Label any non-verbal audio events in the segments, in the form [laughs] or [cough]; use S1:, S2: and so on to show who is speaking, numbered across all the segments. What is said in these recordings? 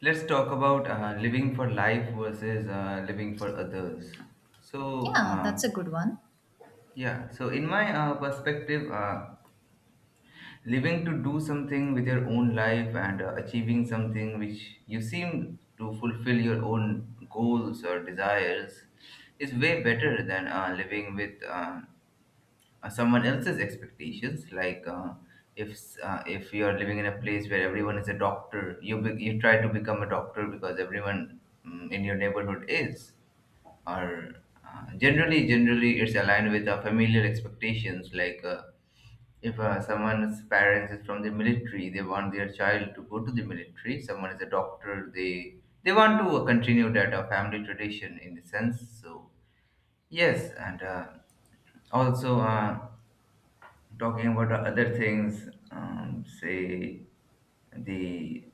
S1: Let's talk about living for life versus living for others. So,
S2: Yeah, that's a good one.
S1: yeah, so in my perspective, living to do something with your own life and achieving something which you seem to fulfill your own goals or desires is way better than living with someone else's expectations, like if you are living in a place where everyone is a doctor, you try to become a doctor because everyone in your neighborhood is, or generally it's aligned with our familiar expectations, like if someone's parents is from the military, they want their child to go to the military. Someone is a doctor, they want to continue that family tradition in a sense. So, yes, and also, talking about the other things, say the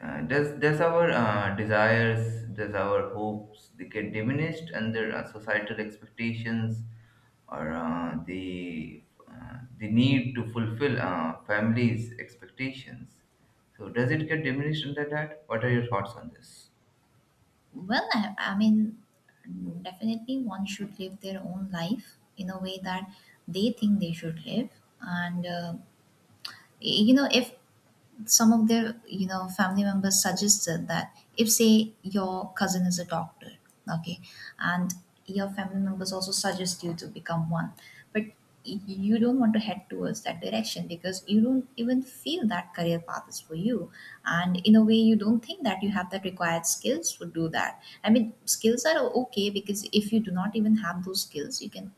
S1: does our desires, does our hopes, they get diminished under societal expectations, or the need to fulfill families' expectations? So does it get diminished under that? What are your thoughts on this?
S2: Well, I mean, definitely one should live their own life in a way that they think they should live. And, uh, you know, if some of their you know family members suggested that if say your cousin is a doctor, okay, and your family members also suggest you to become one, but you don't want to head towards that direction because you don't even feel that career path is for you, and in a way you don't think that you have that required skills to do that. I mean, skills are okay because if you do not even have those skills you can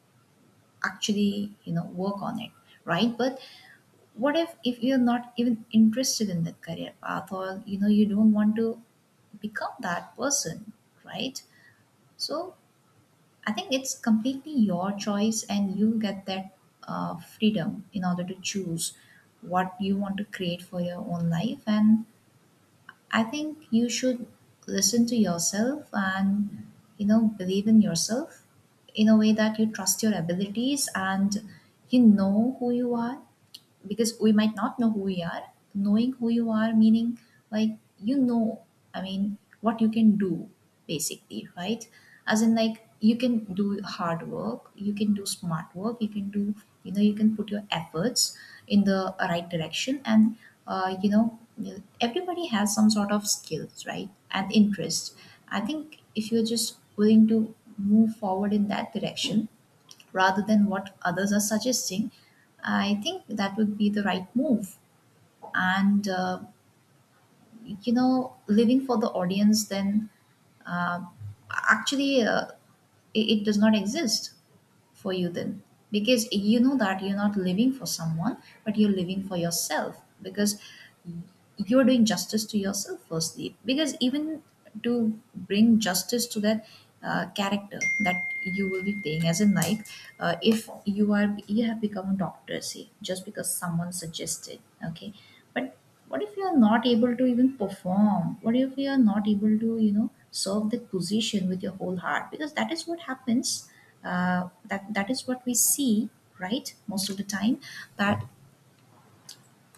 S2: actually, you know, work on it, right? But what if you're not even interested in that career path, or you know you don't want to become that person, right? So I think it's completely your choice and you get that freedom in order to choose what you want to create for your own life. And I think you should listen to yourself and, you know, believe in yourself, in a way that you trust your abilities and you know who you are. Because we might not know who we are. Knowing who you are meaning, like, you know, I mean what you can do, basically, right? As in like, you can do hard work, you can do smart work, you can do, you know, you can put your efforts in the right direction. And you know, everybody has some sort of skills, right? And interest. I think if you're just willing to move forward in that direction rather than what others are suggesting, I think that would be the right move. And, uh, you know, living for the audience, then uh, actually it does not exist for you then, because you know that you're not living for someone, but you're living for yourself, because you're doing justice to yourself firstly. Because even to bring justice to that character that you will be playing, as in like, if you are, you have become a doctor, say, just because someone suggested, okay, but what if you are not able to even perform? What if you are not able to, you know, serve that position with your whole heart? Because that is what happens. That is what we see, right, most of the time. That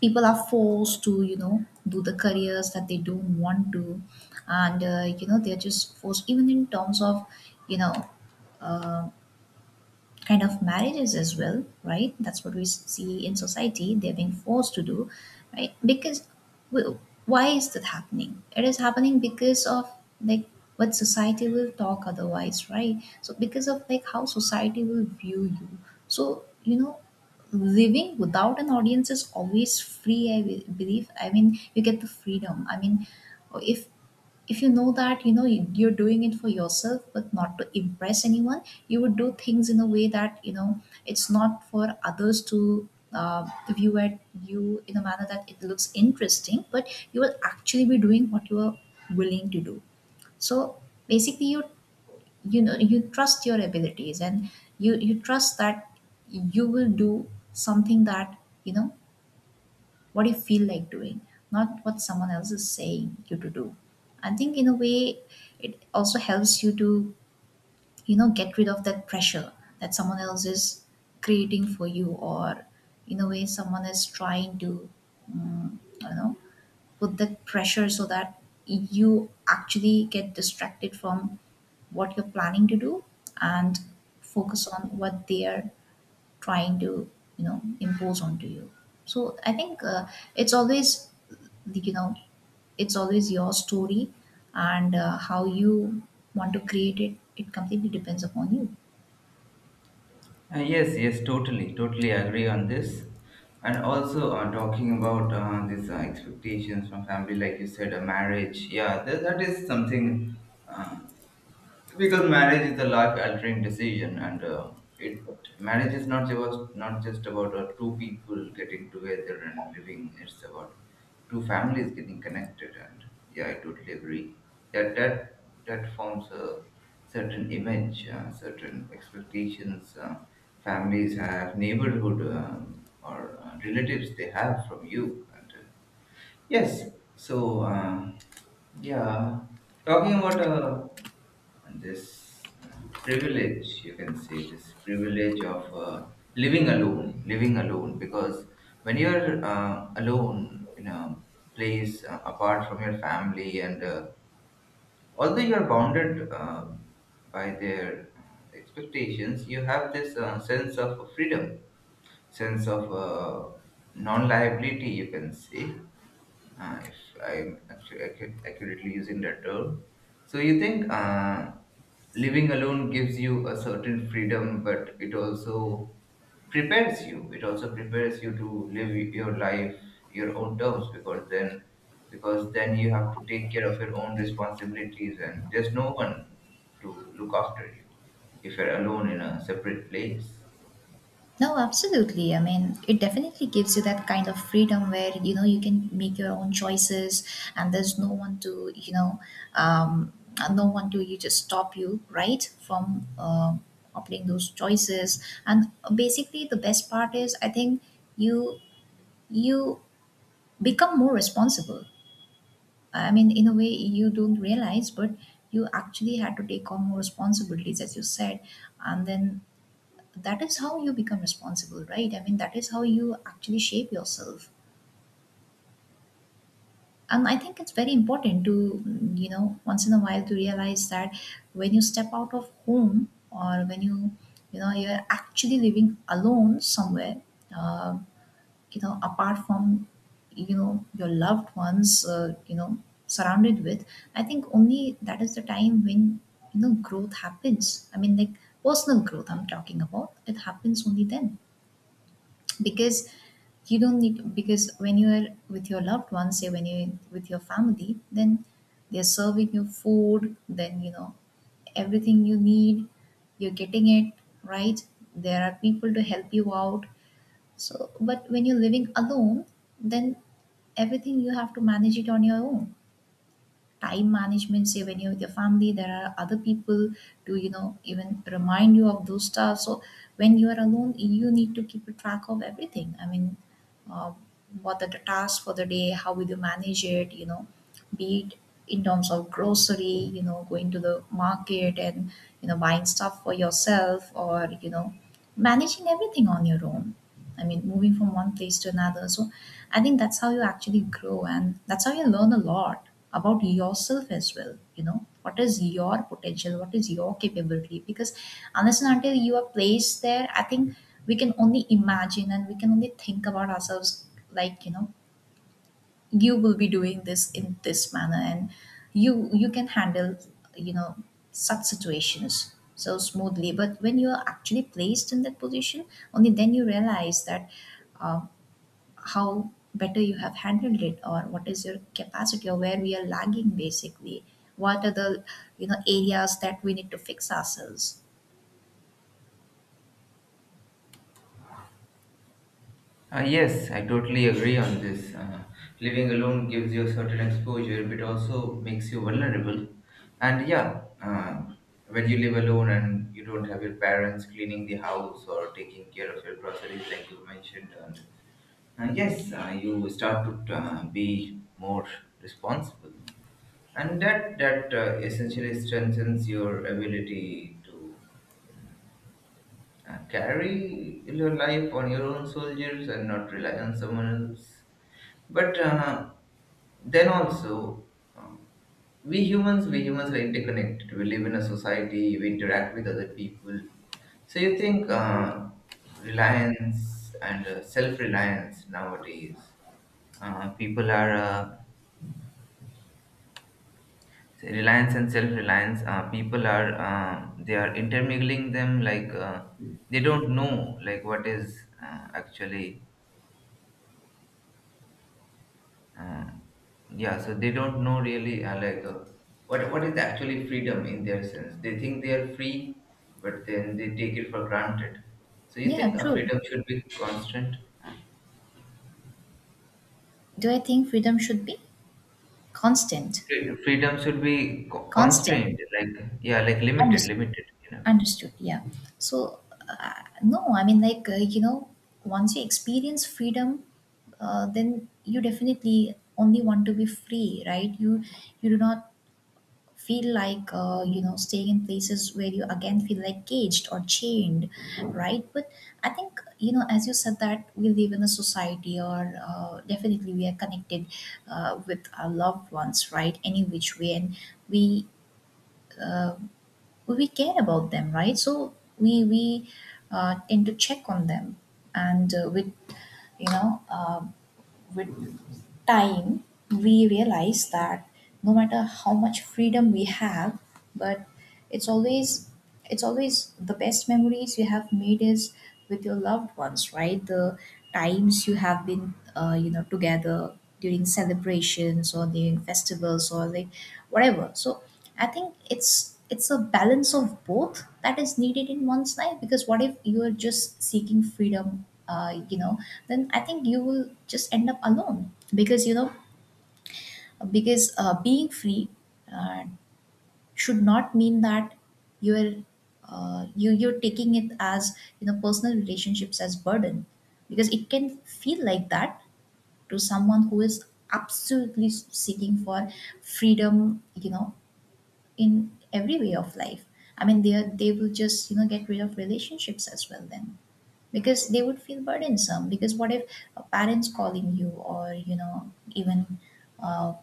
S2: people are forced to, you know, do the careers that they don't want to. And you know, they're just forced, even in terms of, you know, uh, kind of marriages as well, right? That's what we see in society. They're being forced to do, right? Because w- why is that happening? It is happening because of, like, what society will talk otherwise, right? So, because of like how society will view you. So you know, living without an audience is always free. I believe. I mean, you get the freedom. I mean, if you know that, you know, you're doing it for yourself but not to impress anyone, you would do things in a way that, you know, it's not for others to view at you in a manner that it looks interesting. But you will actually be doing what you are willing to do. So basically you, you know, you trust your abilities and you trust that you will do something that, you know, what you feel like doing, not what someone else is saying you to do. I think in a way, it also helps you to, you know, get rid of that pressure that someone else is creating for you, or in a way, someone is trying to, I know, put that pressure so that you actually get distracted from what you're planning to do, and focus on what they are trying to, you know, impose onto you. So I think it's always, you know, it's always your story. And how you want to create it, it completely depends upon you.
S1: Yes, yes, totally, totally agree on this. And also, talking about these expectations from family, like you said, a marriage. Yeah, that is something. Uh, because marriage is a life altering decision, and it marriage is not just about two people getting together and living. It's about two families getting connected, and yeah, I totally agree that that forms a certain image, certain expectations, families have, neighborhood, or relatives they have from you. And yes, so yeah, talking about, and this privilege, you can say, this privilege of living alone, because when you're alone in a place apart from your family, and although you're bounded by their expectations, you have this sense of freedom, sense of non-liability, you can say, if I'm actually accurately using that term. So you think living alone gives you a certain freedom, but it also prepares you to live your life, your own terms, because then you have to take care of your own responsibilities, and there's no one to look after you if you're alone in a separate place.
S2: No, absolutely. I mean, it definitely gives you that kind of freedom where, you know, you can make your own choices, and there's no one to, you know, um, no one to, you just stop you, right, from opting those choices. And basically the best part is, I think, you you become more responsible. I mean, in a way, you don't realize, but you actually had to take on more responsibilities, as you said. And then that is how you become responsible, right? I mean, that is how you actually shape yourself. And I think it's very important to, you know, once in a while to realize that when you step out of home, or when you know, you're actually living alone somewhere, um, you know, apart from, you know, your loved ones, you know, surrounded with, I think only that is the time when, you know, growth happens. I mean, like, personal growth I'm talking about. It happens only then, because you don't need, because when you are with your loved ones, say when you're with your family, then they're serving you food, then, you know, everything you need, you're getting it, right? There are people to help you out. So, but when you're living alone, then everything you have to manage it on your own. Time management, say when you're with your family, there are other people to, you know, even remind you of those stuff. So, when you are alone, you need to keep a track of everything. I mean, uh, what are the tasks for the day? How will you manage it? You know, be it in terms of grocery, you know, going to the market, and, you know, buying stuff for yourself, or, you know, managing everything on your own. I mean, moving from one place to another. So I think that's how you actually grow, and that's how you learn a lot about yourself as well. You know, what is your potential? What is your capability? Because unless and until you are placed there, I think we can only imagine and we can only think about ourselves, like, you know, you will be doing this in this manner, and you can handle, you know, such situations so smoothly. But when you are actually placed in that position, only then you realize that, uh, how better you have handled it, or what is your capacity, or where we are lagging, basically. What are the, you know, areas that we need to fix ourselves.
S1: Yes, I totally agree on this. Living alone gives you a certain exposure, but also makes you vulnerable. And yeah, when you live alone and you don't have your parents cleaning the house or taking care of your groceries, like you mentioned, and yes, you start to be more responsible, and that essentially strengthens your ability to carry your life on your own shoulders and not rely on someone else. But then also, um, we humans are interconnected. We live in a society. We interact with other people. So you think reliance and self-reliance nowadays, people are say reliance and self-reliance. People are They are intermingling them, like they don't know, like what is actually... Uh, yeah, so they don't know really, what is actually freedom in their sense. They think they are free, but then they take it for granted. So you
S2: Yeah,
S1: think
S2: true.
S1: freedom should be constant?
S2: Do I think freedom should be constant?
S1: Freedom should be
S2: Constant.
S1: constrained, like, yeah, like limited,
S2: Understood.
S1: limited. You know.
S2: Understood. Yeah. So, no, I mean, like, you know, once you experience freedom, then you definitely only want to be free, right? You do not feel like you know, staying in places where you again feel like caged or chained, right? But I think, you know, as you said, that we live in a society, or definitely we are connected with our loved ones, right? Any which way, and we. Uh, we care about them, right? So we tend to check on them. And with, you know, with time, we realize that no matter how much freedom we have, but it's always, it's always the best memories you have made is with your loved ones, right? The times you have been you know, together during celebrations or during festivals, or like, whatever. So I think it's a balance of both that is needed in one's life. Because what if you are just seeking freedom, you know, then I think you will just end up alone, because you know, because being free uh, should not mean that you're, you you're taking it as, you know, personal relationships as burden. Because it can feel like that to someone who is absolutely seeking for freedom, you know, in every way of life. I mean, they will just, you know, get rid of relationships as well, then, because they would feel burdensome. Because what if parents calling you or even uh,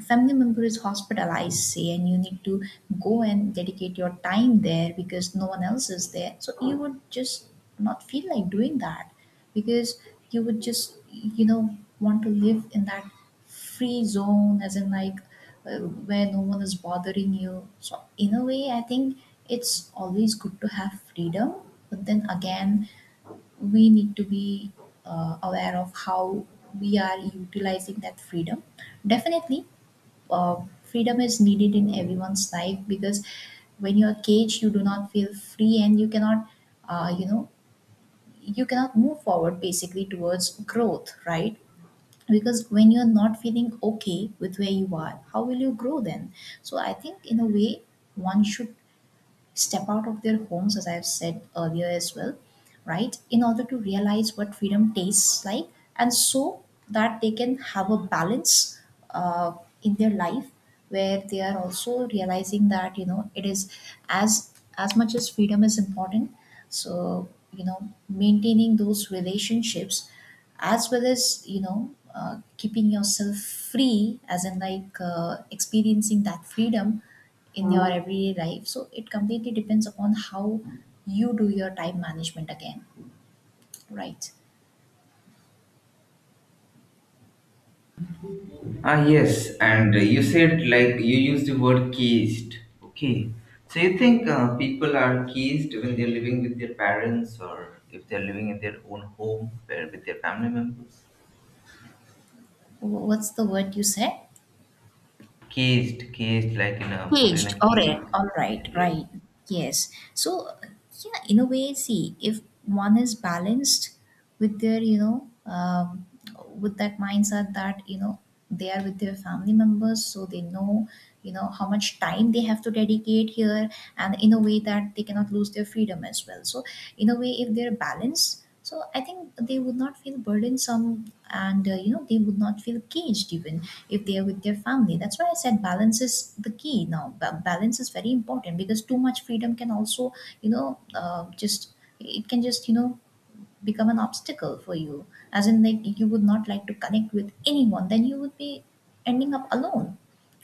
S2: family member is hospitalized say and you need to go and dedicate your time there because no one else is there, so you would just not feel like doing that because you would just want to live in that free zone, as in like, uh, where no one is bothering you. So in a way I think it's always good to have freedom, but then again we need to be aware of how we are utilizing that freedom. Definitely uh, freedom is needed in everyone's life, because when you're caged you do not feel free and you cannot, uh, you know you cannot move forward basically towards growth, right? Because when you're not feeling okay with where you are, how will you grow then? So I think in a way one should step out of their homes, as I've said earlier as well, right, in order to realize what freedom tastes like, and so that they can have a balance uh, in their life, where they are also realizing that, you know, it is, as much as freedom is important, so, you know, maintaining those relationships as well as, keeping yourself free, as in like, experiencing that freedom in your everyday life. So it completely depends upon how you do your time management again, right?
S1: Ah, yes, and you said, like, you used the word caged. Okay, so you think people are caged when they're living with their parents, or if they're living in their own home where with their family members?
S2: What's the word you said?
S1: Caged, caged, like in a, put in
S2: Caged.
S1: a
S2: All
S1: cage.
S2: right. All right.
S1: Yes.
S2: Right. Yes. So, yeah, in a way, see, if one is balanced with their, with that mindset that, you know, they are with their family members, so they know, you know, how much time they have to dedicate here, and in a way that they cannot lose their freedom as well. So, in a way, if they're balanced, so I think they would not feel burdensome, and, you know, they would not feel caged even if they are with their family. That's why I said balance is the key now. Balance is very important because too much freedom can also, just, it can just, you know, become an obstacle for you. As in, like, you would not like to connect with anyone, then you would be ending up alone,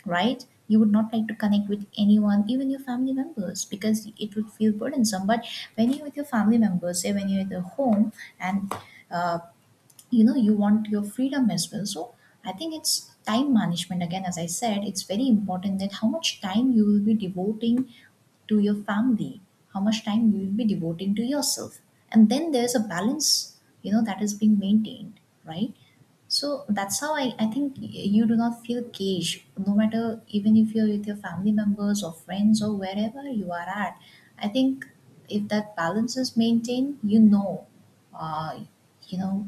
S2: right? You would not like to connect with anyone, even your family members, because it would feel burdensome. But when you're with your family members, say when you're at the home and uh, you know you want your freedom as well. So I think it's time management again, as I said, it's very important that how much time you will be devoting to your family, how much time you will be devoting to yourself, and then there's a balance, you know, that is being maintained, right? So that's how I think you do not feel caged, no matter even if you're with your family members or friends or wherever you are at. I think if that balance is maintained, uh, you know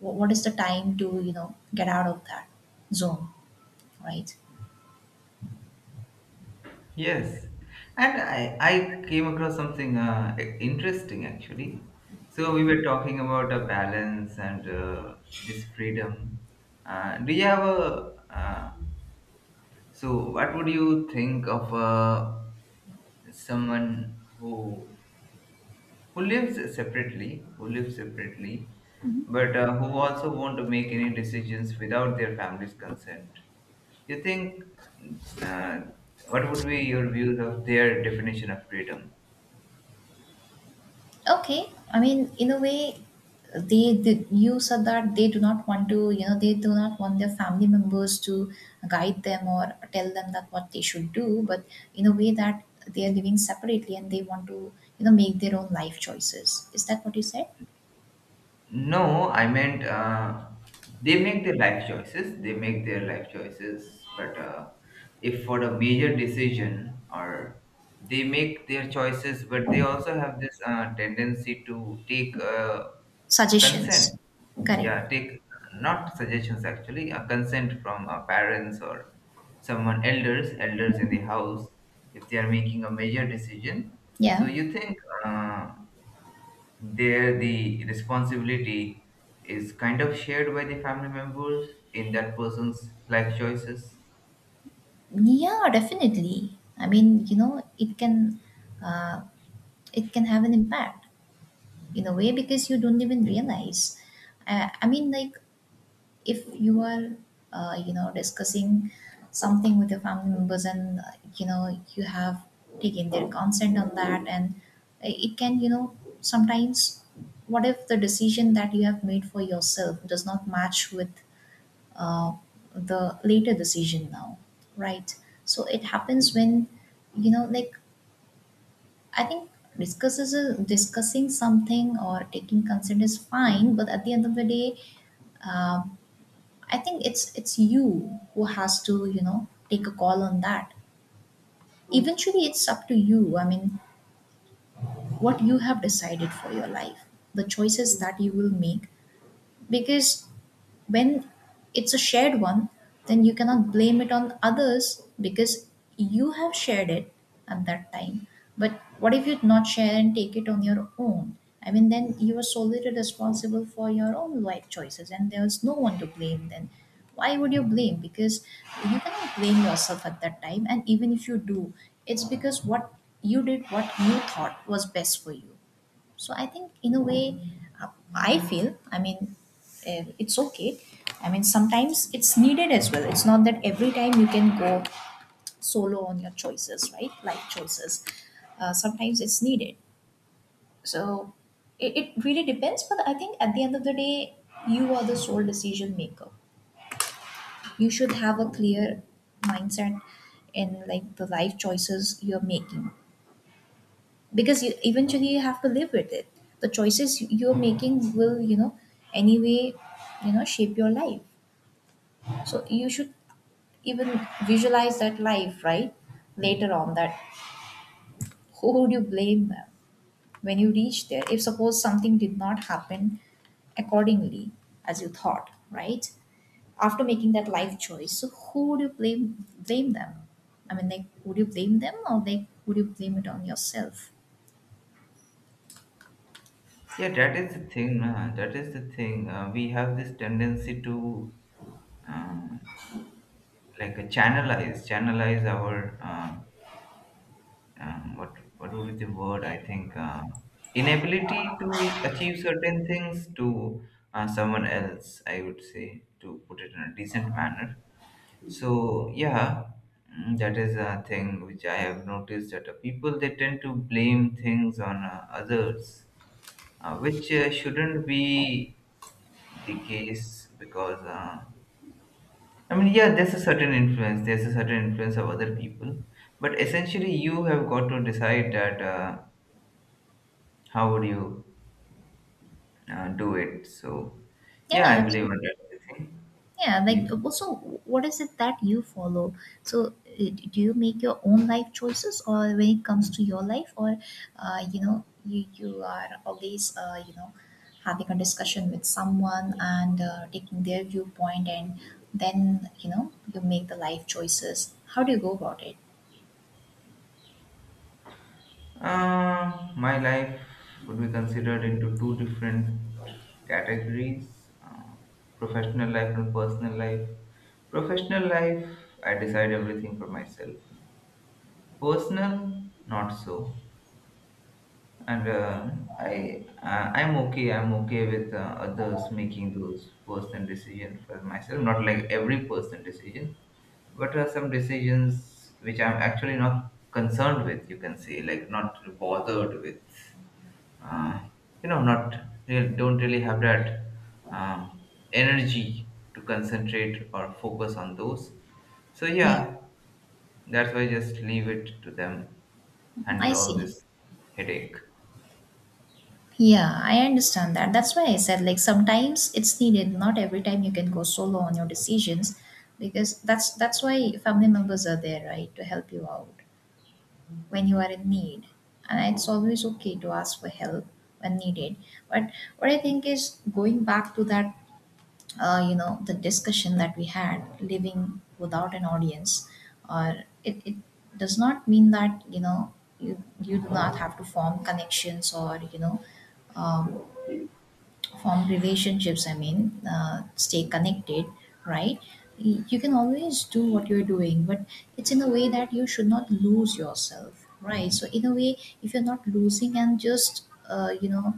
S2: what is the time to, you know, get out of that zone, right?
S1: Yes, and I came across something interesting actually. So we were talking about a balance and this freedom. Uh, do you have a uh, so what would you think of someone who who lives separately, who lives separately but who also want to make any decisions without their family's consent? You think, uh, what would be your views of their definition of freedom?
S2: Okay, I mean, in a way, they you said that they do not want to, you know, they do not want their family members to guide them or tell them that what they should do, but in a way that they are living separately and they want to, you know, make their own life choices. Is that what you said?
S1: No, I meant, they make their life choices. They make their life choices, but if for a major decision, or they make their choices, but they also have this tendency to take consent.
S2: Suggestions. Correct.
S1: Yeah, take, not suggestions actually, a consent from parents, or someone, elders in the house, if they are making a major decision. So
S2: Yeah.
S1: you think uh, there, the responsibility is kind of shared by the family members in that person's life choices.
S2: Yeah, definitely. I mean, you know, it can, uh, it can have an impact in a way because you don't even realize, I mean, like, if you are, you know, discussing something with your family members and, you know, you have taken their consent on that, and it can, you know, sometimes, what if the decision that you have made for yourself does not match with, uh, the later decision now, right? So it happens when, you know, like, I think discusses discussing something or taking consent is fine, but at the end of the day, um, I think it's you who has to, you know, take a call on that. Eventually, it's up to you. I mean, what you have decided for your life, the choices that you will make, because when it's a shared one, then you cannot blame it on others because you have shared it at that time. But what if you not share and take it on your own? I mean, then you are solely responsible for your own life choices, and there's no one to blame then. Why would you blame? Because you cannot blame yourself at that time, and even if you do, it's because what you did, what you thought was best for you. So I think, in a way, uh, I feel, I mean, it's okay. I mean, sometimes it's needed as well. It's not that every time you can go solo on your choices, right? Life choices. Sometimes it's needed. So it really depends, but I think at the end of the day, you are the sole decision maker. You should have a clear mindset in like the life choices you're making, because you eventually you have to live with it. The choices you're making will, you know, anyway, you know, shape your life. So you should even visualize that life, right, later on, that who would you blame when you reach there if suppose something did not happen accordingly as you thought, right, after making that life choice. So who would you blame? Blame them. I mean, like, would you blame them or like would you blame it on yourself?
S1: Yeah, that is the thing, na. That is the thing. We have this tendency to uh, like channelize our what would be the word? I think inability to achieve certain things to someone else, I would say, to put it in a decent manner. So yeah, that is a thing which I have noticed, that people, they tend to blame things on others, which shouldn't be the case because... I mean, yeah, there's a certain influence. There's a certain influence of other people, but essentially, you have got to decide that, how would you do it? So,
S2: Yeah,
S1: yeah, I believe in
S2: absolutely.
S1: that thing.
S2: Yeah, like
S1: Okay.
S2: also, what is it that you follow? So, do you make your own life choices, or when it comes to your life, or, you know, you are always, you know, having a discussion with someone and, taking their viewpoint, and then, you know, you make the life choices. How do you go about it?
S1: My life would be considered into two different categories, professional life and personal life. Professional life, I decide everything for myself. Personal, not so. And I'm okay. I'm okay with others making those personal decisions for myself. Not like every person decision, what are some decisions which I'm actually not concerned with, you can say, like not bothered with, uh, not real, don't really have that um, energy to concentrate or focus on those. So
S2: Yeah,
S1: yeah, that's why just leave it to them,
S2: I
S1: handle all
S2: see.
S1: this headache.
S2: Yeah, I understand that. That's why I said, like, sometimes it's needed. Not every time you can go solo on your decisions, because that's why family members are there, right, to help you out when you are in need. And it's always okay to ask for help when needed. But what I think is going back to that, you know, the discussion that we had, living without an audience, or it does not mean that, you know, you do not have to form connections or, um, form relationships. I mean, uh, stay connected, right? You can always do what you're doing, but it's in a way that you should not lose yourself, right? So in a way, if you're not losing and just, uh, you know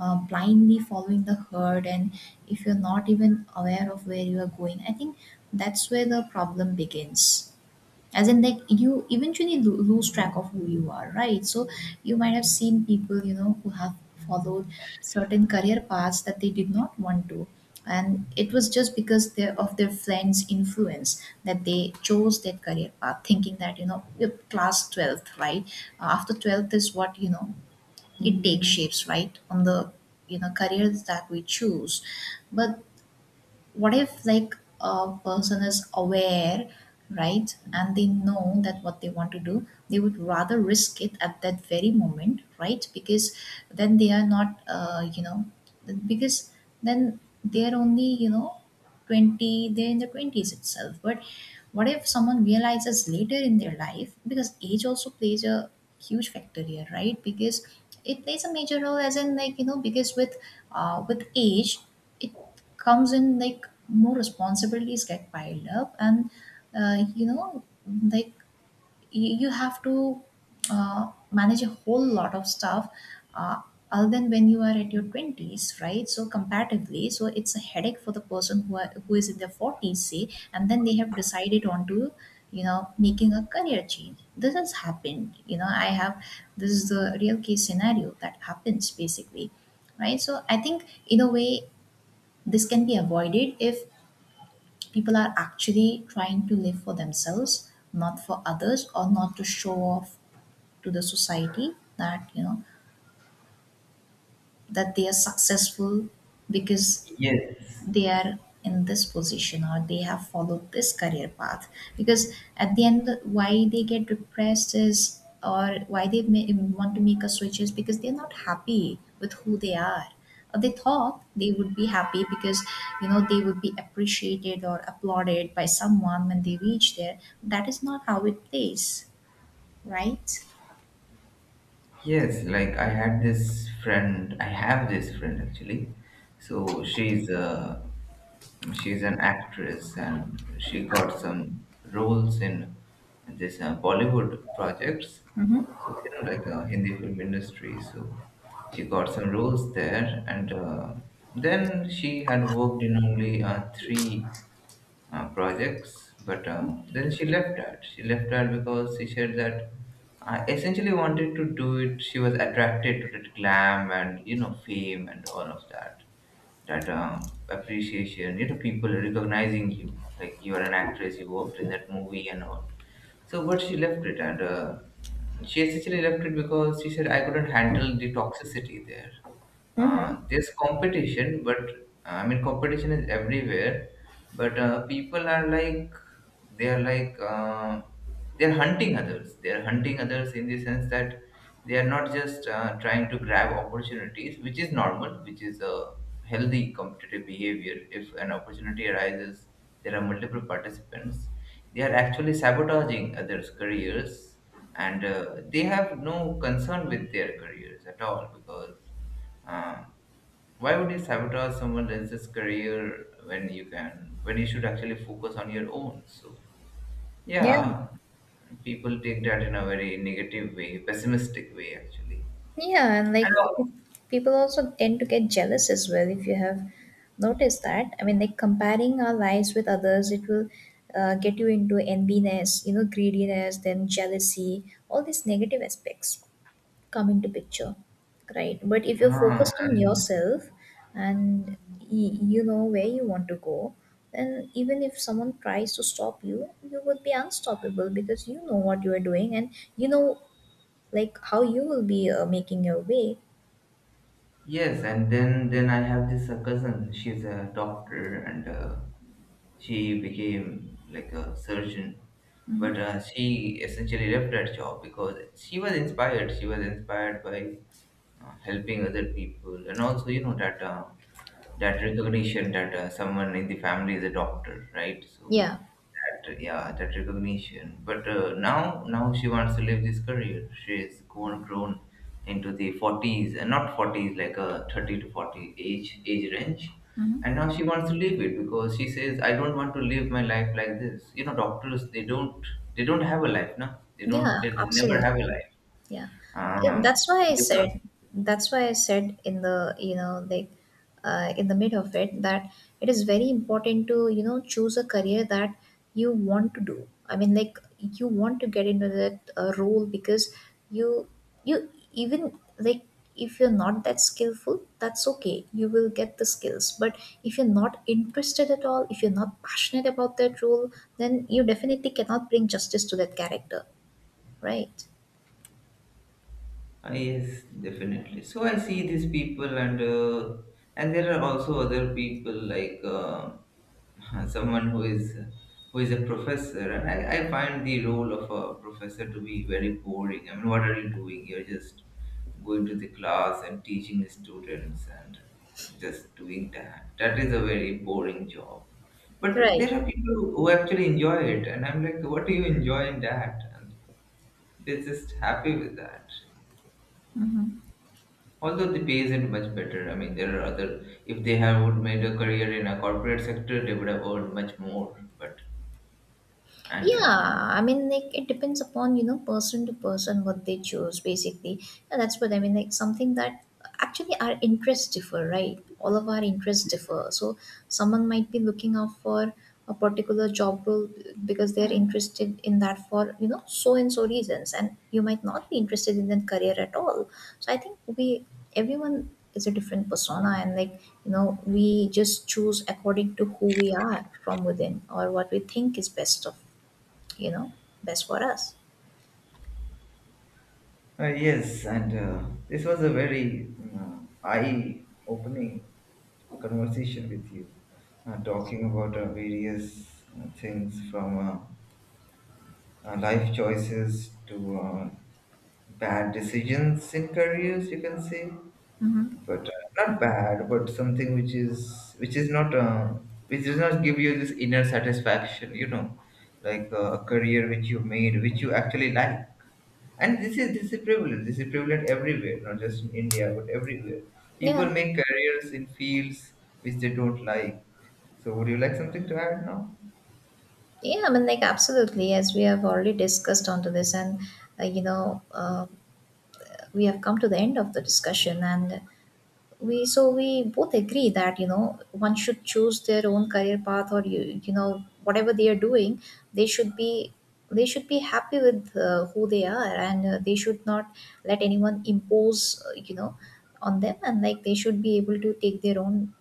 S2: blindly following the herd, and if you're not even aware of where you are going, I think that's where the problem begins, as in like you eventually lose track of who you are, right? So you might have seen people, you know, who have followed certain career paths that they did not want to, and it was just because they of their friends influence that they chose that career path, thinking that, you know, yep, class 12th, right? After 12th is what, you know, it takes shapes, right, on the, you know, careers that we choose, but what if, like, a person is aware, right, and they know that what they want to do, they would rather risk it at that very moment, right? Because then they are not, because then they are only, you know, 20, they're in the 20s itself, but what if someone realizes later in their life? Because age also plays a huge factor here, right? Because it plays a major role, as in like, you know, because with, with age, it comes in like more responsibilities get piled up, and, you know, like, you have to, manage a whole lot of stuff, uh, other than when you are at your 20s, right? So, comparatively, so it's a headache for the person who is in their 40s say, and then they have decided on to, you know, making a career change. This has happened, you know. I have, this is the real case scenario that happens basically, right? So I think in a way this can be avoided if people are actually trying to live for themselves, not for others, or not to show off to the society that, you know, that they are successful because
S1: Yes.
S2: they are in this position or they have followed this career path. Because at the end, why they get depressed is, or why they may want to make a switch is, because they're not happy with who they are, or they thought they would be happy because, you know, they would be appreciated or applauded by someone when they reach there. That is not how it plays, right?
S1: Yes, like I had this friend, I have this friend actually. So she's uh, she's an actress and she got some roles in this Bollywood projects.
S2: Hmm.
S1: So, you know, like Hindi film industry. So she got some roles there, and then she had worked in only three projects. But then she left that. She left that because she said that I essentially wanted to do it. She was attracted to that glam and fame and all of that. That appreciation, people recognizing you, like you are an actress. You worked in that movie and all. So, but she left it, and she essentially left it because she said I couldn't handle the toxicity there. There's competition, but I mean, competition is everywhere. But people are like, they are like uh, they're hunting others. They're hunting others, in the sense that they are not just trying to grab opportunities, which is normal, which is a healthy competitive behavior. If an opportunity arises, there are multiple participants. They are actually sabotaging others' careers, and they have no concern with their careers at all, because uh, why would you sabotage someone else's career when you can, when you should actually focus on your own? So,
S2: Yeah.
S1: yeah, people take that in a very negative way, pessimistic way, actually.
S2: Yeah, and
S1: And...
S2: like people also tend to get jealous as well, if you have noticed that. I mean, like comparing our lives with others, it will, get you into enviness, you know, greediness, then jealousy, all these negative aspects come into picture, right? But if you're
S1: Ah,
S2: focused on
S1: and
S2: yourself and you know where you want to go, then even if someone tries to stop you, you would be unstoppable, because you know what you are doing and you know like how you will be, making your way.
S1: yes, and then I have this cousin. She's a doctor, and she became like a surgeon. But she essentially left that job because she was inspired. She was inspired by helping other people, and also, that recognition, that someone in the family is a doctor, right? So
S2: Yeah.
S1: that, yeah, that recognition. But now she wants to live this career. She is grown into the 40s, and not forties, like a 30 to 40 age range. And
S2: Mhm.
S1: now she wants to leave it because she says, I don't want to live my life like this. You know, doctors, they don't have a life, no? They don't
S2: Yeah,
S1: they never have a
S2: absolutely.
S1: life.
S2: Yeah. It-
S1: Um,
S2: That's why I
S1: you have...
S2: said, that's why I said in the, you know, like, in the mid of it, that it is very important to, you know, choose a career that you want to do. I mean, like, you want to get into that role because you, you even like, if you're not that skillful, that's okay. You will get the skills. But if you're not interested at all, if you're not passionate about that role, then you definitely cannot bring justice to that character. Right.
S1: Ah, yes, definitely. So I see these people, and there are also other people, like [laughs] someone who is a professor, and I find the role of a professor to be very boring. I mean, what are you doing? You're just going to the class and teaching the students, and just doing that. That is a very boring job. But there
S2: Right.
S1: are people who actually enjoy it, and I'm like, what do you enjoy in that? And they're just happy with that.
S2: Mm-hmm.
S1: Although the pay isn't much better, I mean, there are other... If they have would made a career in a corporate sector, they would have earned much more. But, and
S2: Yeah, I mean, like, it depends upon, you know, person to person, what they choose basically, and that's what I mean. Like, something that, actually our interests differ, right? All of our interests differ. So someone might be looking out for a particular job role because they are interested in that for, you know, so and so reasons, and you might not be interested in that career at all. So I think we, everyone is a different persona, and like, you know, we just choose according to who we are from within or what we think is best of, you know, best for us.
S1: yes, and this was a very eye-opening conversation with you, talking about various things, from life choices to bad decisions in careers, you can say,
S2: Mm-hmm.
S1: but not bad, but something which is not, which does not give you this inner satisfaction, like a career which you made, which you actually like. And this is prevalent, everywhere. Not just in India, but everywhere, people
S2: Yeah.
S1: make careers in fields which they don't like. So, would you like something to add now?
S2: Yeah, I mean, like, absolutely. As we have already discussed onto this, and, you know, we have come to the end of the discussion. And we, so we both agree that, you know, one should choose their own career path, or you know, whatever they are doing, they should be, they should be happy with who they are, and they should not let anyone impose, you know, on them, and like they should be able to take their own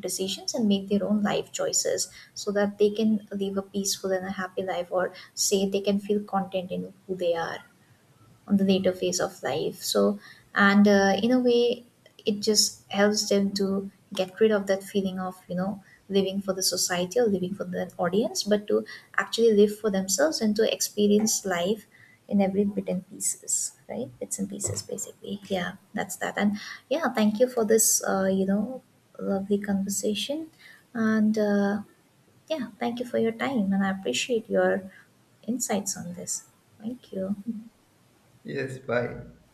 S2: decisions and make their own life choices so that they can live a peaceful and a happy life, or say they can feel content in who they are on the later phase of life. So, and in a way, it just helps them to get rid of that feeling of, you know, living for the society or living for the audience, but to actually live for themselves and to experience life in every bit and pieces, right? Bits and pieces, basically. Yeah, that's that. And yeah, thank you for this, you know, lovely conversation. And yeah, thank you for your time. And I appreciate your insights on this. Thank you.
S1: Yes, bye.